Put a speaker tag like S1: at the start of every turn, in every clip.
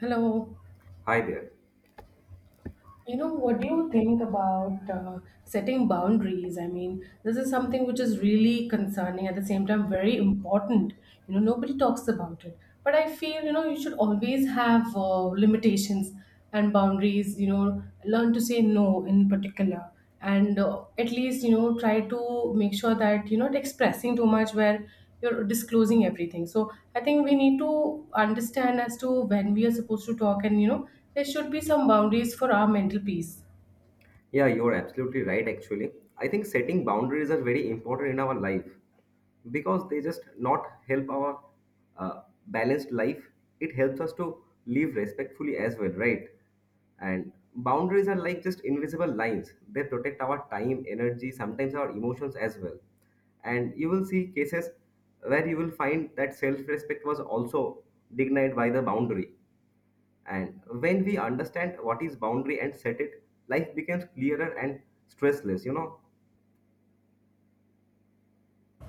S1: Hello.
S2: Hi there.
S1: What do you think about setting boundaries? I mean, this is something which is really concerning, at the same time, very important. You know, nobody talks about it. But I feel, you know, you should always have limitations and boundaries, you know, learn to say no in particular. And At least, you know, try to make sure that you're not expressing too much where you're disclosing everything. So I think we need to understand as to when we are supposed to talk, and you know, there should be some boundaries for our mental peace.
S2: Yeah, you're absolutely right, actually. I think setting boundaries are very important in our life because they just not help our uh, balanced life. It helps us to live respectfully as well, right? And boundaries are like just invisible lines. They protect our time, energy, sometimes our emotions as well. And you will see cases where you will find that self-respect was also dignified by the boundary. And when we understand what is boundary and set it, life becomes clearer and stressless, you know.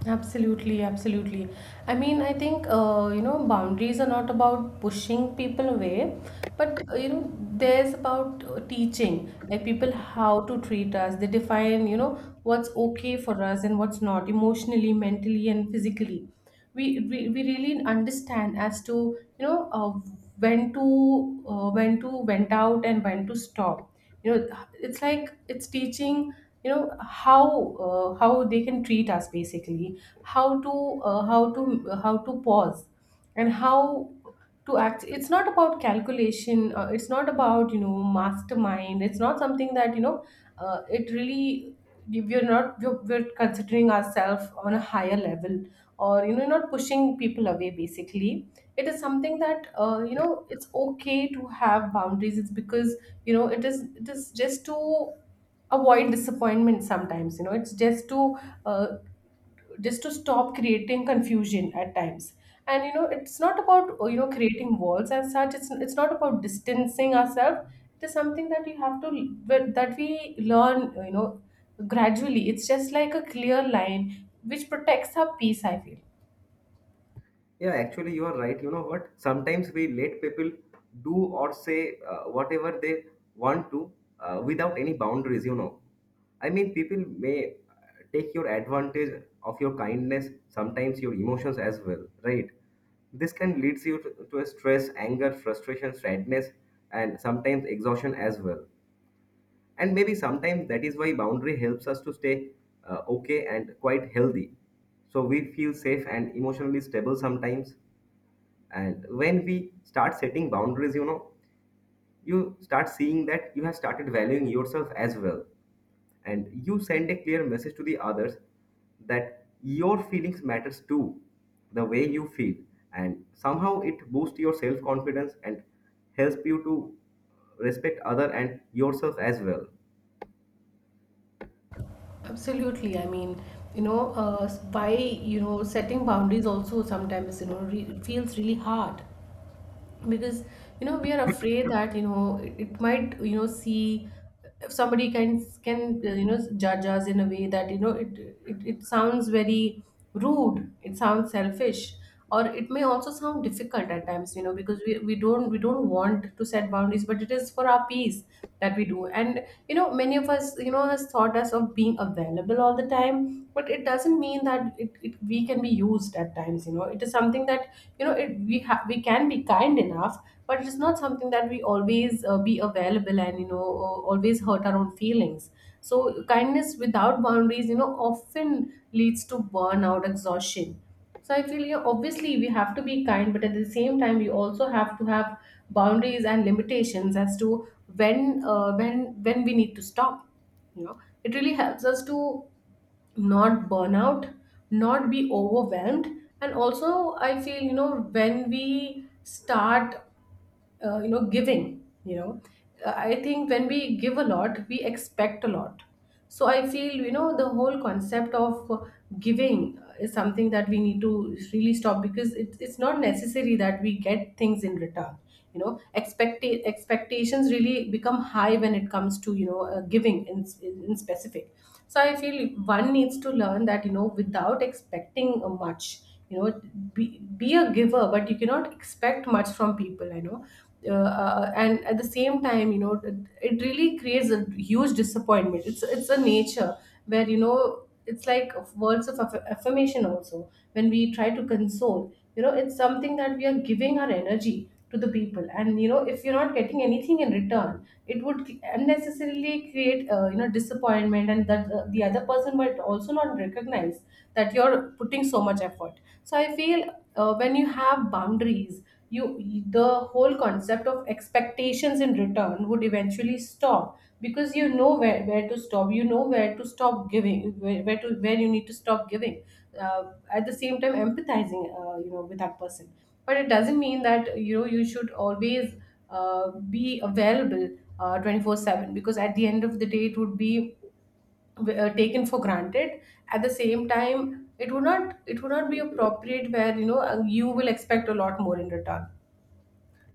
S1: Absolutely, absolutely. I mean, I think you know, boundaries are not about pushing people away, but you know, there's about teaching like people how to treat us. They define, you know, what's okay for us and what's not, emotionally, mentally, and physically. We really understand as to, you know, when to went out and when to stop, you know. It's like it's teaching, you know, how they can treat us, basically how to how to how to pause and how to act. It's not about calculation, it's not about, you know, mastermind. It's not something that, you know, it really, we're not we're, we're considering ourselves on a higher level, or you know, not pushing people away basically. It is something that, you know, it's okay to have boundaries. It's because, you know, it is just to avoid disappointment sometimes, you know. It's uh, just to stop creating confusion at times. And you know, it's not about, you know, creating walls as such. It's not about distancing ourselves. It is something that you have to, that we learn, you know, gradually. It's just like a clear line which protects our peace, I feel.
S2: Yeah, actually, you are right. You know what? Sometimes we let people do or say whatever they want to, without any boundaries, you know. I mean, people may take your advantage of your kindness, sometimes your emotions as well, right? This can lead you to a stress, anger, frustration, sadness, and sometimes exhaustion as well. And maybe sometimes that is why boundary helps us to stay okay and quite healthy. So we feel safe and emotionally stable sometimes. And when we start setting boundaries, you know, you start seeing that you have started valuing yourself as well. And you send a clear message to the others that your feelings matters too, the way you feel. And somehow it boosts your self-confidence and helps you to respect other and yourself as well.
S1: Absolutely. I mean, you know, by, you know, setting boundaries also sometimes, you know, re feels really hard, because, you know, we are afraid that, you know, it might, you know, see if somebody can, you know, judge us in a way that, you know, it sounds very rude, it sounds selfish, or it may also sound difficult at times, you know, because we don't want to set boundaries, but it is for our peace that we do. And you know, many of us, you know, has thought us of being available all the time, but it doesn't mean that it we can be used at times. You know, it is something that, you know, it we have, we can be kind enough, but it is not something that we always be available, and you know, always hurt our own feelings. So kindness without boundaries, you know, often leads to burnout, exhaustion. So I feel, yeah, obviously we have to be kind, but at the same time we also have to have boundaries and limitations as to when, when we need to stop. You know, it really helps us to not burn out, not be overwhelmed. And also I feel, you know, when we start you know, giving, you know, I think when we give a lot, we expect a lot. So I feel, you know, the whole concept of giving is something that we need to really stop, because it's not necessary that we get things in return. You know, expect expectations really become high when it comes to, you know, giving, in specific. So I feel one needs to learn that, you know, without expecting much, you know, be a giver, but you cannot expect much from people, you know. And at the same time, you know, it really creates a huge disappointment. It's a nature where, you know, it's like words of affirmation also when we try to console, you know. It's something that we are giving our energy to the people, and you know, if you're not getting anything in return, it would unnecessarily create, you know, disappointment, and that the other person might also not recognize that you're putting so much effort. So I feel, when you have boundaries, you the whole concept of expectations in return would eventually stop, because you know where to stop, you know where to stop giving, where you need to stop giving, uh, at the same time empathizing, you know, with that person. But it doesn't mean that, you know, you should always uh, be available 24/7, because at the end of the day it would be taken for granted. At the same time, it would not be appropriate, where, you know, you will expect a lot more in return.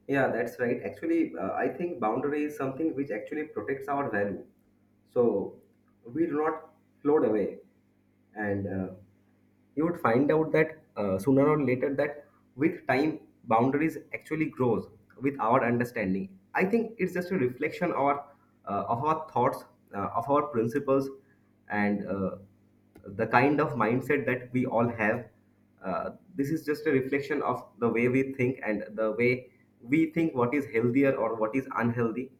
S2: Yeah, that's right. Actually, I think boundary is something which actually protects our value. So we do not float away. And you would find out that sooner or later that with time, boundaries actually grows with our understanding. I think it's just a reflection of our thoughts, of our principles, and the kind of mindset that we all have. This is just a reflection of the way we think and the way we think what is healthier or what is unhealthy.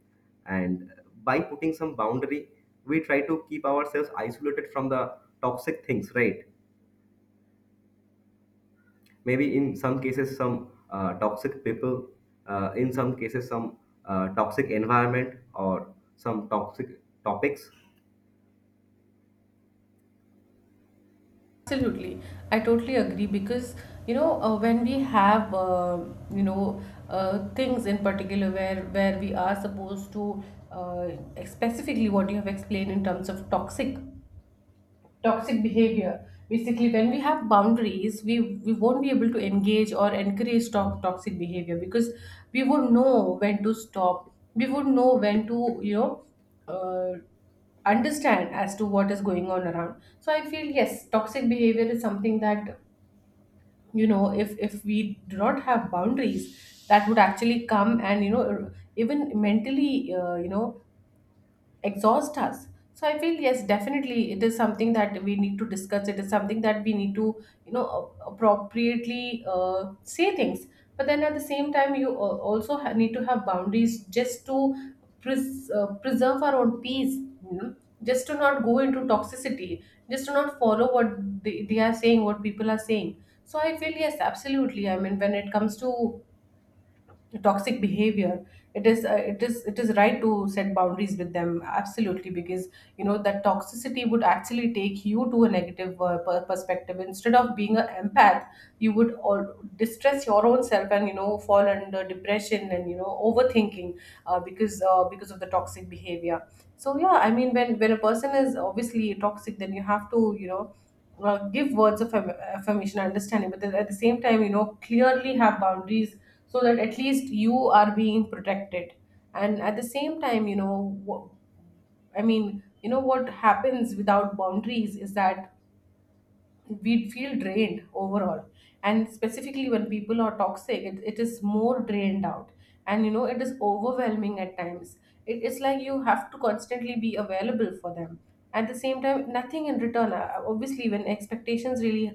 S2: And by putting some boundary, we try to keep ourselves isolated from the toxic things, right? Maybe in some cases, some toxic people, in some cases, some toxic environment or some toxic topics.
S1: Absolutely. I totally agree, because you know, when we have, you know, things in particular where we are supposed to, uh, specifically what you have explained in terms of toxic, toxic behavior, basically when we have boundaries, we won't be able to engage or encourage toxic behavior, because we would know when to stop, we would know when to, you know, uh, understand as to what is going on around. So I feel, yes, toxic behavior is something that, you know, if we do not have boundaries, that would actually come and, you know, even mentally, you know, exhaust us. So I feel, yes, definitely, it is something that we need to discuss. It is something that we need to, you know, appropriately, say things. But then at the same time, you also need to have boundaries, just to preserve our own peace, you know, just to not go into toxicity, just to not follow what they are saying, what people are saying. So I feel, yes, absolutely. I mean, when it comes to toxic behavior, it is it is right to set boundaries with them, absolutely. Because, you know, that toxicity would actually take you to a negative perspective, instead of being an empath, you would all distress your own self, and you know, fall under depression, and you know, overthinking, because of the toxic behavior. So yeah, I mean, when a person is obviously toxic, then you have to, you know, give words of affirmation, understanding, but then at the same time, you know, clearly have boundaries, so that at least you are being protected. And at the same time, you know, I mean, you know, what happens without boundaries is that we feel drained overall, and specifically when people are toxic, it is more drained out, and you know, it is overwhelming at times. It's like you have to constantly be available for them, at the same time nothing in return. Obviously, when expectations really,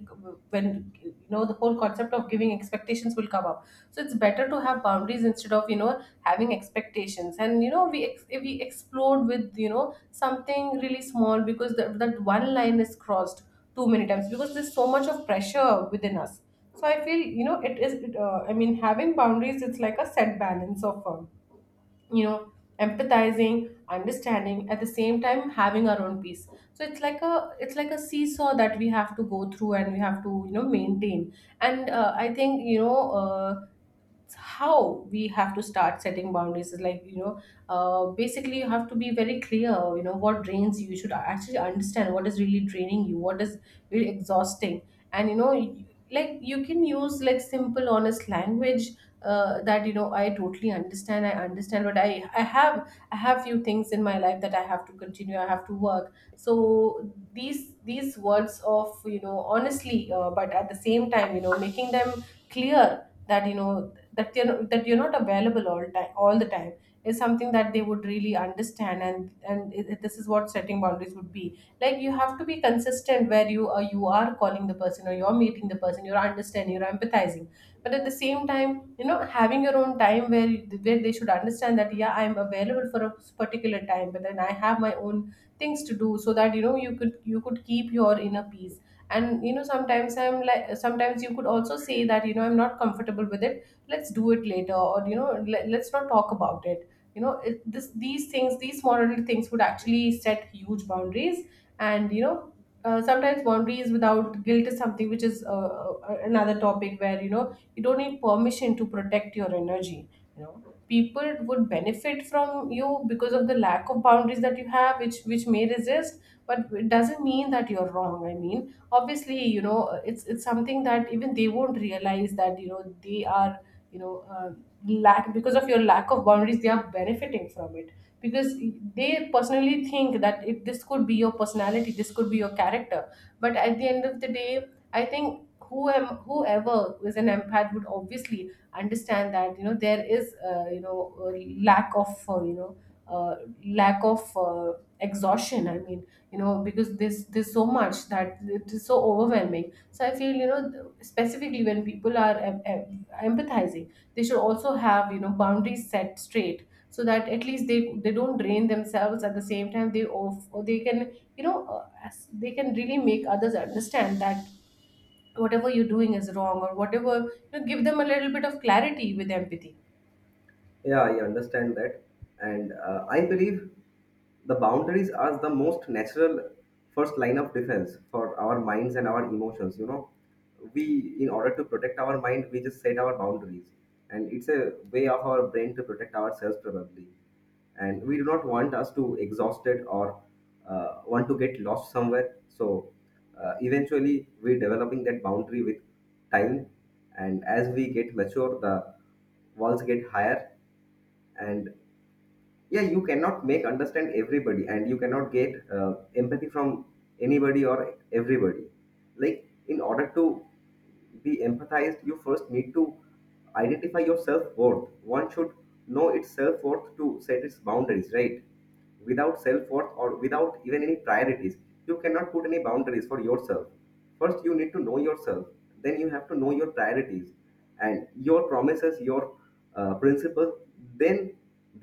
S1: when you know, the whole concept of giving, expectations will come up. So it's better to have boundaries instead of, you know, having expectations. And you know, we we explode with, you know, something really small, because that one line is crossed too many times, because there's so much of pressure within us. So I feel, you know, it is I mean, having boundaries, it's like a set balance of you know, empathizing, understanding, at the same time having our own peace. So it's like a, it's like a seesaw that we have to go through, and we have to, you know, maintain. And I think, you know, it's how we have to start setting boundaries is like, you know, basically, you have to be very clear, you know what drains you. You should actually understand what is really draining you, what is really exhausting. And you know, like, you can use like simple honest language, that, you know, I understand, but I have, I have few things in my life that I have to continue, I have to work. So these words of, you know, honestly, but at the same time, you know, making them clear that, you know, that you're not available all the time, is something that they would really understand. And it, this is what setting boundaries would be like. You have to be consistent, where you are, you are calling the person, or you're meeting the person, you're understanding, you're empathizing, but at the same time, you know, having your own time, where where they should understand that, yeah, I'm available for a particular time, but then I have my own things to do, so that you know, you could keep your inner peace. And you know, sometimes I'm like sometimes you could also say that you know I'm not comfortable with it. Let's do it later, or let's not talk about it. You know this, these things, these small little things would actually set huge boundaries. And you know, sometimes boundaries without guilt is something which is another topic, where you know you don't need permission to protect your energy. You know, people would benefit from you because of the lack of boundaries that you have, which may resist, but it doesn't mean that you're wrong. I mean, obviously, you know, it's something that even they won't realize, that you know they are, you know, lack, because of your lack of boundaries they are benefiting from it. Because they personally think that this could be your personality, this could be your character. But at the end of the day, I think, whoever is an empath would obviously understand that you know there is, you know, a lack of, you know, uh, lack of, exhaustion. I mean, you know, because this there's so much that it is so overwhelming. So I feel, you know, specifically when people are empathizing, they should also have, you know, boundaries set straight, so that at least they don't drain themselves. At the same time they off, or they can, you know, they can really make others understand that whatever you're doing is wrong, or whatever. You know, give them a little bit of clarity with empathy.
S2: Yeah, I understand that. And I believe the boundaries are the most natural first line of defense for our minds and our emotions. You know, we, in order to protect our mind, we just set our boundaries. And it's a way of our brain to protect ourselves, probably. And we do not want us to exhaust it or want to get lost somewhere. So eventually, we're developing that boundary with time. And as we get mature, the walls get higher, and yeah, you cannot make understand everybody and you cannot get empathy from anybody or everybody. Like in order to be empathized, you first need to identify your self-worth. One should know its self-worth to set its boundaries right. Without self-worth or without even any priorities, you cannot put any boundaries for yourself. First you need to know yourself, then you have to know your priorities and your promises, your principles. Then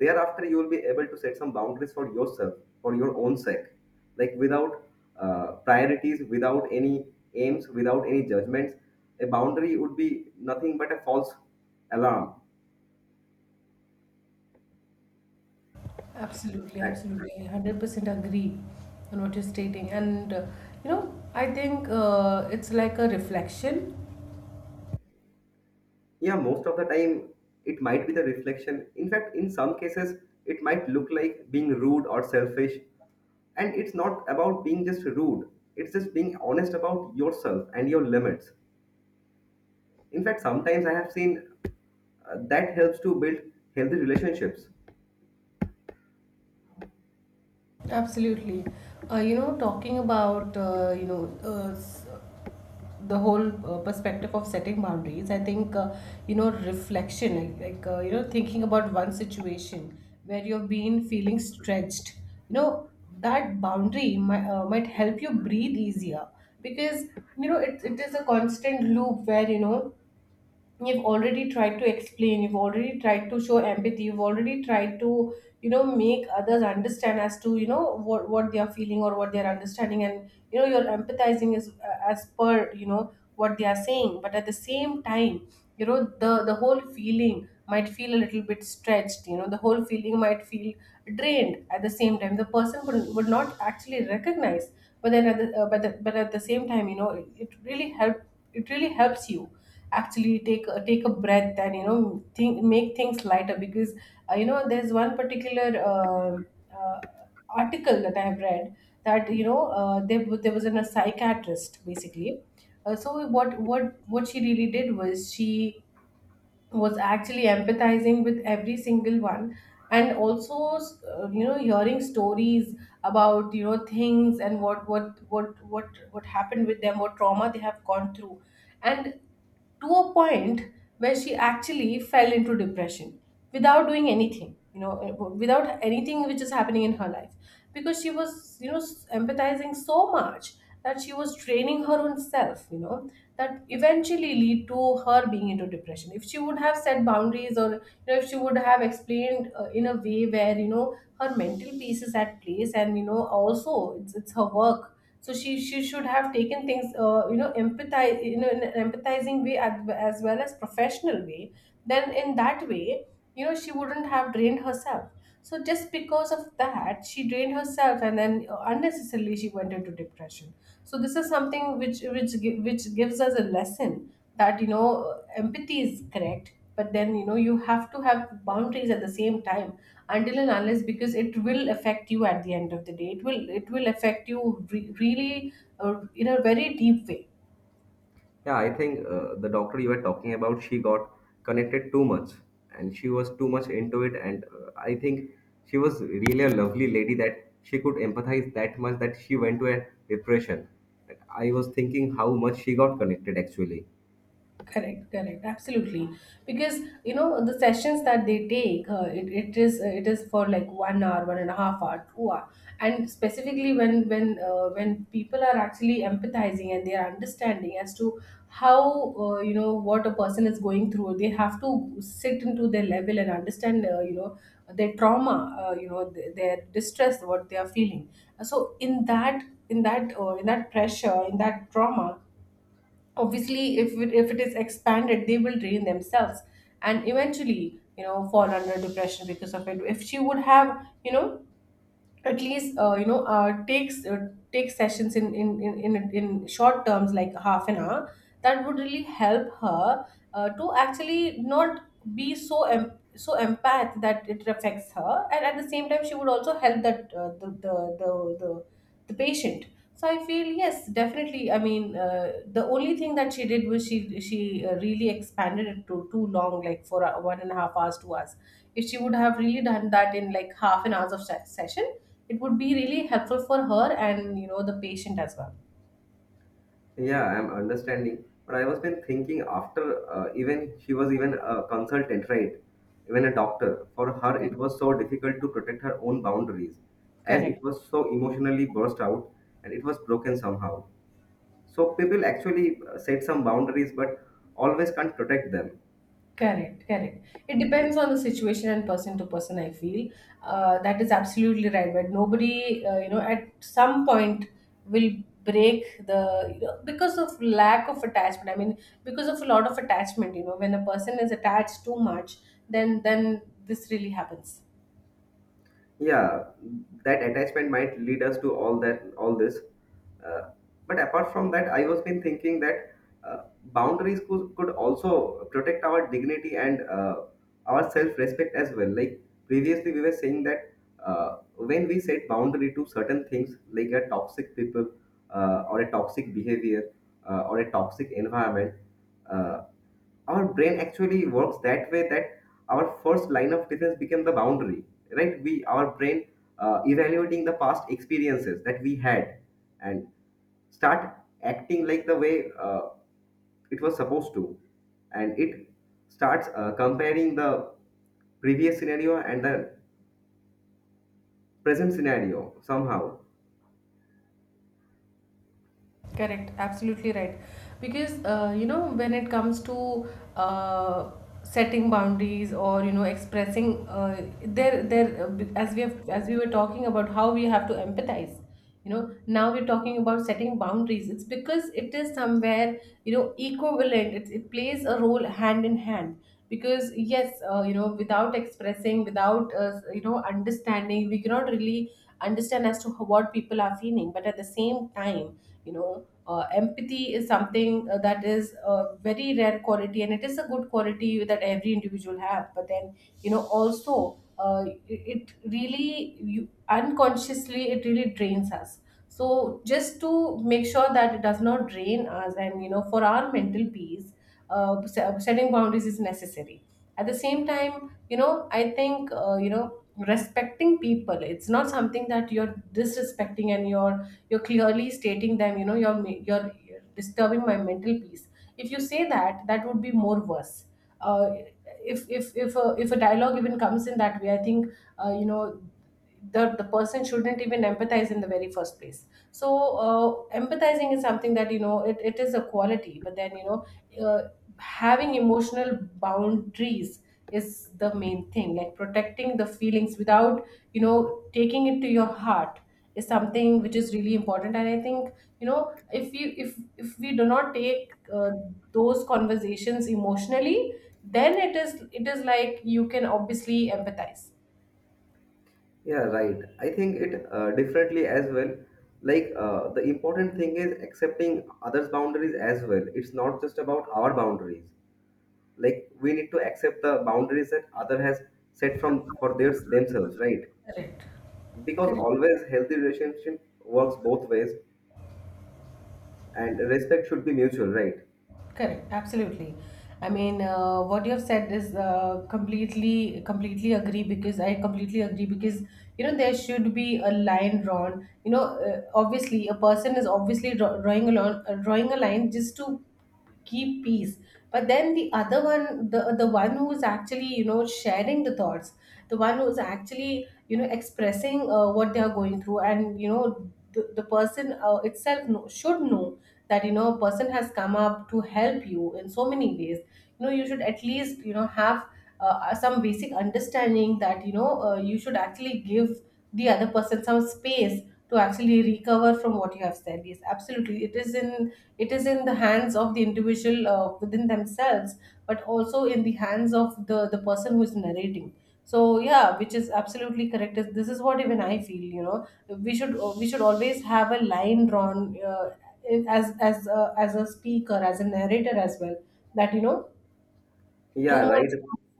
S2: thereafter you will be able to set some boundaries for yourself, for your own sake. Like without priorities, without any aims, without any judgments, a boundary would be nothing but a false alarm.
S1: Absolutely, absolutely. 100% agree on what you're stating. You know, I think it's like a reflection.
S2: Yeah, most of the time it might be the reflection. In fact, in some cases, it might look like being rude or selfish. And it's not about being just rude, it's just being honest about yourself and your limits. In fact, sometimes I have seen that helps to build healthy relationships.
S1: Absolutely. You know, talking about, you know, the whole perspective of setting boundaries, I think, you know, reflection, like, you know, thinking about one situation where you've been feeling stretched, you know, that boundary might help you breathe easier, because, you know, it is a constant loop where, you know, you've already tried to explain, you've already tried to show empathy, you've already tried to, you know, make others understand as to, you know, what they are feeling or what they are understanding, and you know you're empathizing is as per, you know, what they are saying. But at the same time, you know, the whole feeling might feel a little bit stretched, you know, the whole feeling might feel drained, at the same time the person would not actually recognize. But then at the, but, the, but at the same time, you know, it really help, it really helps you actually take a, breath, and you know, think, make things lighter. Because you know, there's one particular article that I have read, that you know, there was a psychiatrist basically. So what she really did was, she was actually empathizing with every single one, and also, you know, hearing stories about, you know, things, and what happened with them, what trauma they have gone through. And to a point where she actually fell into depression, without doing anything, you know, without anything which is happening in her life. Because she was, you know, empathizing so much that she was draining her own self, you know, that eventually lead to her being into depression. If she would have set boundaries, or you know, if she would have explained, in a way where, you know, her mental peace is at place, and you know, also it's her work. So she should have taken things, you know, empathize, you know, in an empathizing way, as well as professional way. Then in that way, you know, she wouldn't have drained herself. So just because of that she drained herself, and then unnecessarily she went into depression. So this is something which gives us a lesson that, you know, empathy is correct, but then you know, you have to have boundaries at the same time. Until and unless, because it will affect you at the end of the day, it will, affect you really, in a very deep way.
S2: Yeah, I think the doctor you were talking about, she got connected too much and she was too much into it. And I think she was really a lovely lady that she could empathize that much that she went to a depression. And I was thinking how much she got connected actually.
S1: Correct, correct, absolutely. Because, you know, the sessions that they take, it is for like 1 hour, 1.5 hour, 2 hour, and specifically when people are actually empathizing and they are understanding as to how, you know, what a person is going through, they have to sit into their level and understand, you know, their trauma, you know, their distress, what they are feeling. So in that pressure, in that trauma, obviously if it is expanded, they will drain themselves, and eventually, you know, fall under depression because of it. If she would have, you know, at least, you know, take sessions in, in short terms, like half an hour, that would really help her, to actually not be so empath, that it affects her. And at the same time, she would also help that, the the the patient. So I feel, yes, definitely. I mean, the only thing that she did was, she really expanded it to too long, like for 1.5 hours, 2 hours. If she would have really done that in like half an hour of session, it would be really helpful for her, and you know, the patient as well.
S2: Yeah, I'm understanding. But I was been thinking after, even she was even a consultant, right? Even a doctor. For her, it
S1: Correct.
S2: was so difficult to protect her own boundaries as
S1: Correct.
S2: it was so emotionally burst out and it was broken somehow. So people actually set some boundaries but always can't protect them.
S1: Correct, correct. It depends on the situation and person to person, I feel. That is absolutely right. But nobody, you know, at some point will break the, you know, because of lack of attachment. I mean, because of a lot of attachment, you know, when a person is attached too much, then this really happens.
S2: Yeah, that attachment might lead us to all that all this, uh, but apart from that, I was been thinking that, uh, boundaries could also protect our dignity and our self-respect as well. Like previously we were saying that when we set boundary to certain things like a toxic people, or a toxic behavior, or a toxic environment, uh, our brain actually works that way that our first line of defense became the boundary, right? We our brain evaluating the past experiences that we had and start acting like the way it was supposed to. And it starts comparing the previous scenario and the present scenario somehow.
S1: Correct, absolutely right. Because you know, when it comes to, uh, setting boundaries, or you know, expressing, there there as we have as we were talking about how we have to empathize. You know, now we're talking about setting boundaries. It's because it is somewhere, you know, equivalent. It plays a role hand in hand, because yes, you know, without expressing, without, you know, understanding, we cannot really understand as to what people are feeling. But at the same time, you know, empathy is something, that is a very rare quality, and it is a good quality that every individual have. But then, you know, also, it really, you unconsciously, it really drains us. So just to make sure that it does not drain us, and you know, for our mental peace, setting boundaries is necessary. At the same time, you know, I think, you know, respecting people, it's not something that you're disrespecting, and you're clearly stating them, you know, you're disturbing my mental peace. If you say that, that would be more worse. uh, if a dialogue even comes in that way, I think, you know, the person shouldn't even empathize in the very first place. So empathizing is something that, you know, it is a quality. But then, you know, uh, having emotional boundaries is the main thing, like protecting the feelings without, you know, taking it to your heart, is something which is really important. And I think, you know, if you if we do not take, those conversations emotionally, then it is like you can obviously empathize.
S2: Yeah, right. I think it differently as well. Like the important thing is accepting others' boundaries as well. It's not just about our boundaries. Like we need to accept the boundaries that other has set from for their themselves, right?
S1: Correct.
S2: Because
S1: Correct.
S2: always healthy relationship works both ways, and respect should be mutual, right?
S1: Correct, absolutely. I mean, what you have said is, completely, completely agree because I completely agree, because you know, there should be a line drawn. You know, obviously a person is obviously drawing a line, just to keep peace. But then the other one, the one who is actually sharing the thoughts, the one who is actually expressing what they are going through. And you know the person itself know, should know that you know a person has come up to help you in so many ways. You know, you should at least you know have some basic understanding that you know you should actually give the other person some space to actually recover from what you have said. Yes, absolutely, it is in the hands of the individual within themselves, but also in the hands of the person who is narrating. So yeah, which is absolutely correct. This is what even I feel. You know, we should always have a line drawn, as as a speaker, as a narrator as well. That you know too
S2: Yeah,
S1: much
S2: right.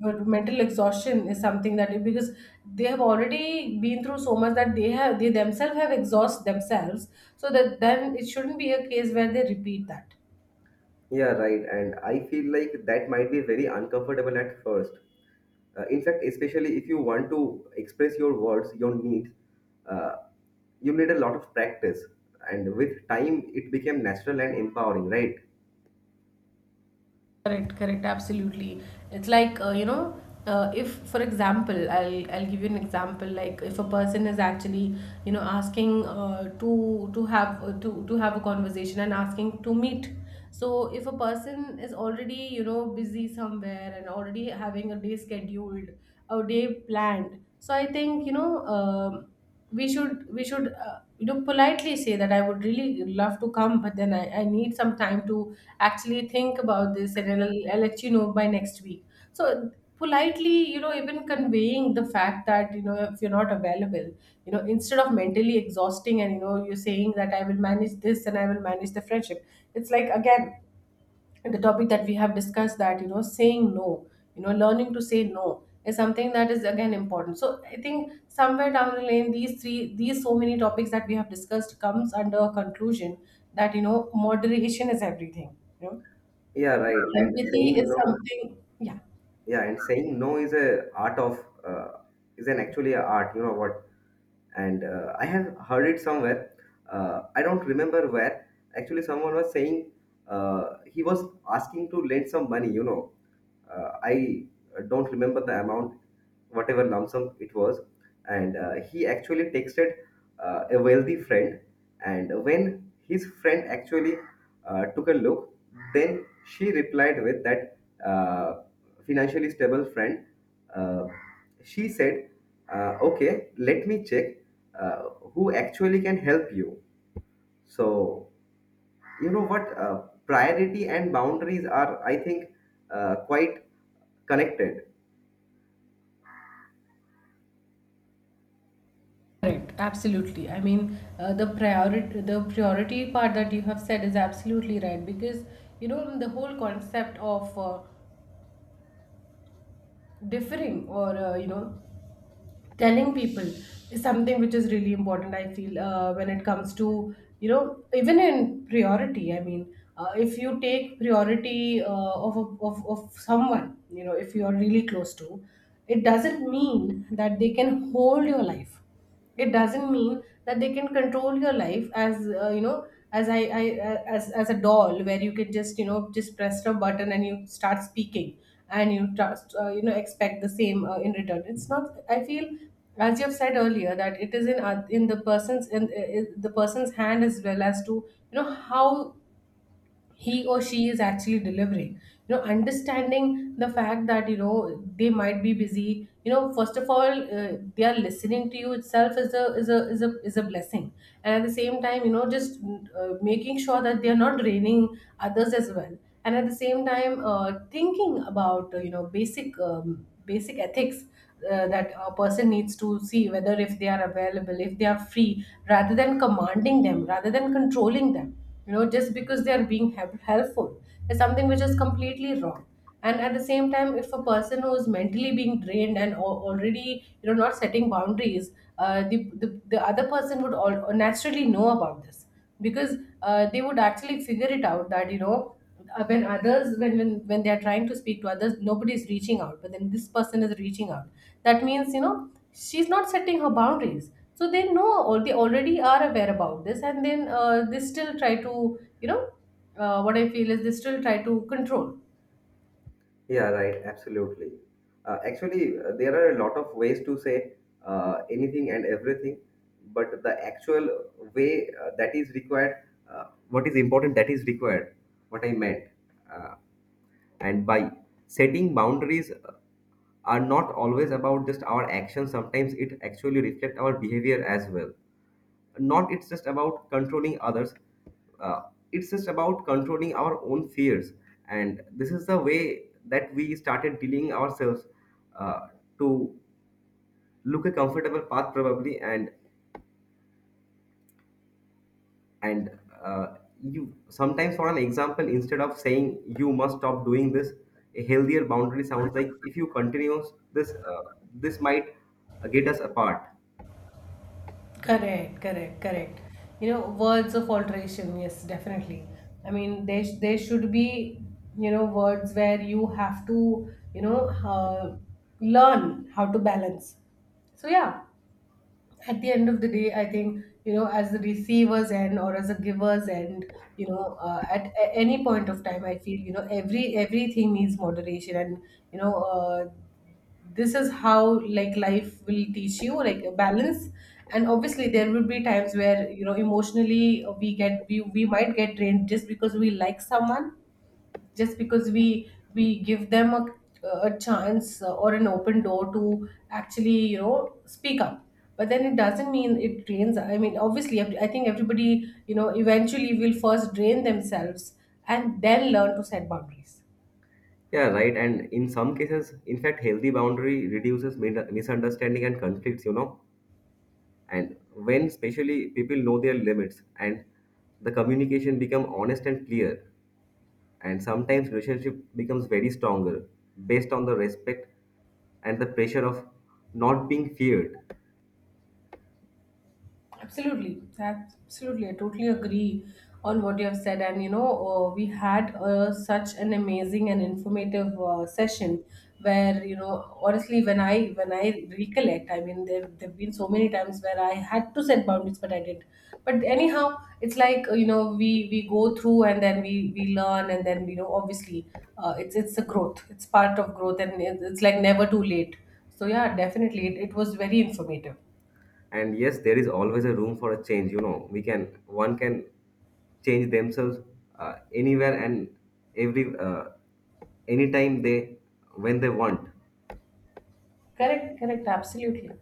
S1: of mental exhaustion is something that because they have already been through so much that they themselves have exhaust themselves, so that then it shouldn't be a case where they repeat that.
S2: Yeah, right. And I feel like that might be very uncomfortable at first. In fact, especially if you want to express your words, your needs, uh, you need a lot of practice. And with time, it became natural and empowering, right?
S1: Correct, correct, absolutely. It's like you know, if for example, I'll give you an example. Like if a person is actually you know asking to have to have a conversation and asking to meet. So if a person is already you know busy somewhere and already having a day scheduled, a day planned. So I think you know. um we should you know politely say that I would really love to come, but then I need some time to actually think about this, and I'll let you know by next week. So politely you know even conveying the fact that you know if you're not available, you know, instead of mentally exhausting and you know you're saying that I will manage this and I will manage the friendship. It's like again the topic that we have discussed, that you know saying no, you know learning to say no is something that is again important. So I think somewhere down the lane these three, these so many topics that we have discussed comes under a conclusion that you know moderation is everything, you know
S2: Yeah, right. And
S1: empathy
S2: saying
S1: is
S2: no,
S1: something. Yeah.
S2: yeah, and saying no is a art of is an actually a art, you know what? And I have heard it somewhere, I don't remember where. Actually someone was saying, he was asking to lend some money, you know. I don't remember the amount, whatever lump sum it was. And he actually texted a wealthy friend. And when his friend actually took a look, then she replied with that uh, financially stable friend. uh, she said, okay, let me check uh, who actually can help you. So you know what, priority and boundaries are, I think, quite connected.
S1: Correct, absolutely. I mean, the priority part that you have said is absolutely right, because you know the whole concept of differing or you know telling people is something which is really important, I feel, when it comes to you know even in priority, I mean, if you take priority of someone, you know, if you are really close to. It doesn't mean that they can hold your life, it doesn't mean that they can control your life, as you know, as I as a doll where you can just you know just press a button and you start speaking, and you trust you know expect the same in return. It's not, I feel, as you have said earlier, that it is in in the person's in the person's hand, as well as to you know how he or she is actually delivering. You know understanding the fact that you know they might be busy, you know first of all they are listening to you itself is a is a is a is a blessing. And at the same time you know just making sure that they are not draining others as well. And at the same time thinking about you know basic basic ethics, that a person needs to see whether if they are available, if they are free, rather than commanding them, rather than controlling them, you know, just because they are being helpful is something which is completely wrong. And at the same time if a person who is mentally being drained and already you know not setting boundaries, the, the other person would all naturally know about this, because they would actually figure it out that you know when others when they are trying to speak to others nobody is reaching out, but then this person is reaching out. That means you know she's not setting her boundaries, so they know, or they already are aware about this, and then they still try to you know what I feel is they still try to control.
S2: Yeah, right. Absolutely. Actually, there are a lot of ways to say anything and everything, but the actual way that is required, what is important that is required, what I meant. Uh, and by setting boundaries are not always about just our actions, sometimes it actually reflects our behavior as well. Not it's just about controlling others, uh, it's just about controlling our own fears. And this is the way that we started dealing ourselves, uh, to look a comfortable path probably. And and uh, you sometimes for an example, instead of saying you must stop doing this, a healthier boundary sounds like if you continue this, this might get us apart.
S1: Correct, correct, correct. You know, words of alteration, yes, definitely. I mean, there, there should be, you know, words where you have to, you know, learn how to balance. So, yeah, at the end of the day I think you know as the receivers end or as a givers end, you know any point of time I feel you know everything needs moderation. And you know, this is how like life will teach you, like a balance. And obviously there will be times where you know emotionally we might get drained just because we like someone, just because we give them a chance or an open door to actually you know speak up. But then it doesn't mean it drains. I mean obviously I think everybody you know eventually will first drain themselves and then learn to set boundaries.
S2: Yeah, right. And in some cases, in fact, healthy boundary reduces min- misunderstanding and conflicts, you know. And when especially people know their limits and the communication become honest and clear, and sometimes relationship becomes very stronger based on the respect and the pressure of not being feared.
S1: Absolutely, absolutely. I totally agree on what you have said. And you know, we had such an amazing and informative session where you know, honestly, when I recollect, I mean, there've been so many times where I had to set boundaries, but I did. But anyhow, it's like you know, we go through and then we learn, and then you know, obviously, it's a growth. It's part of growth, and it's like never too late. So yeah, definitely, it was very informative.
S2: And yes, there is always a room for a change, you know. We can, one can change themselves anywhere and every anytime they, when they want.
S1: Correct, correct, absolutely.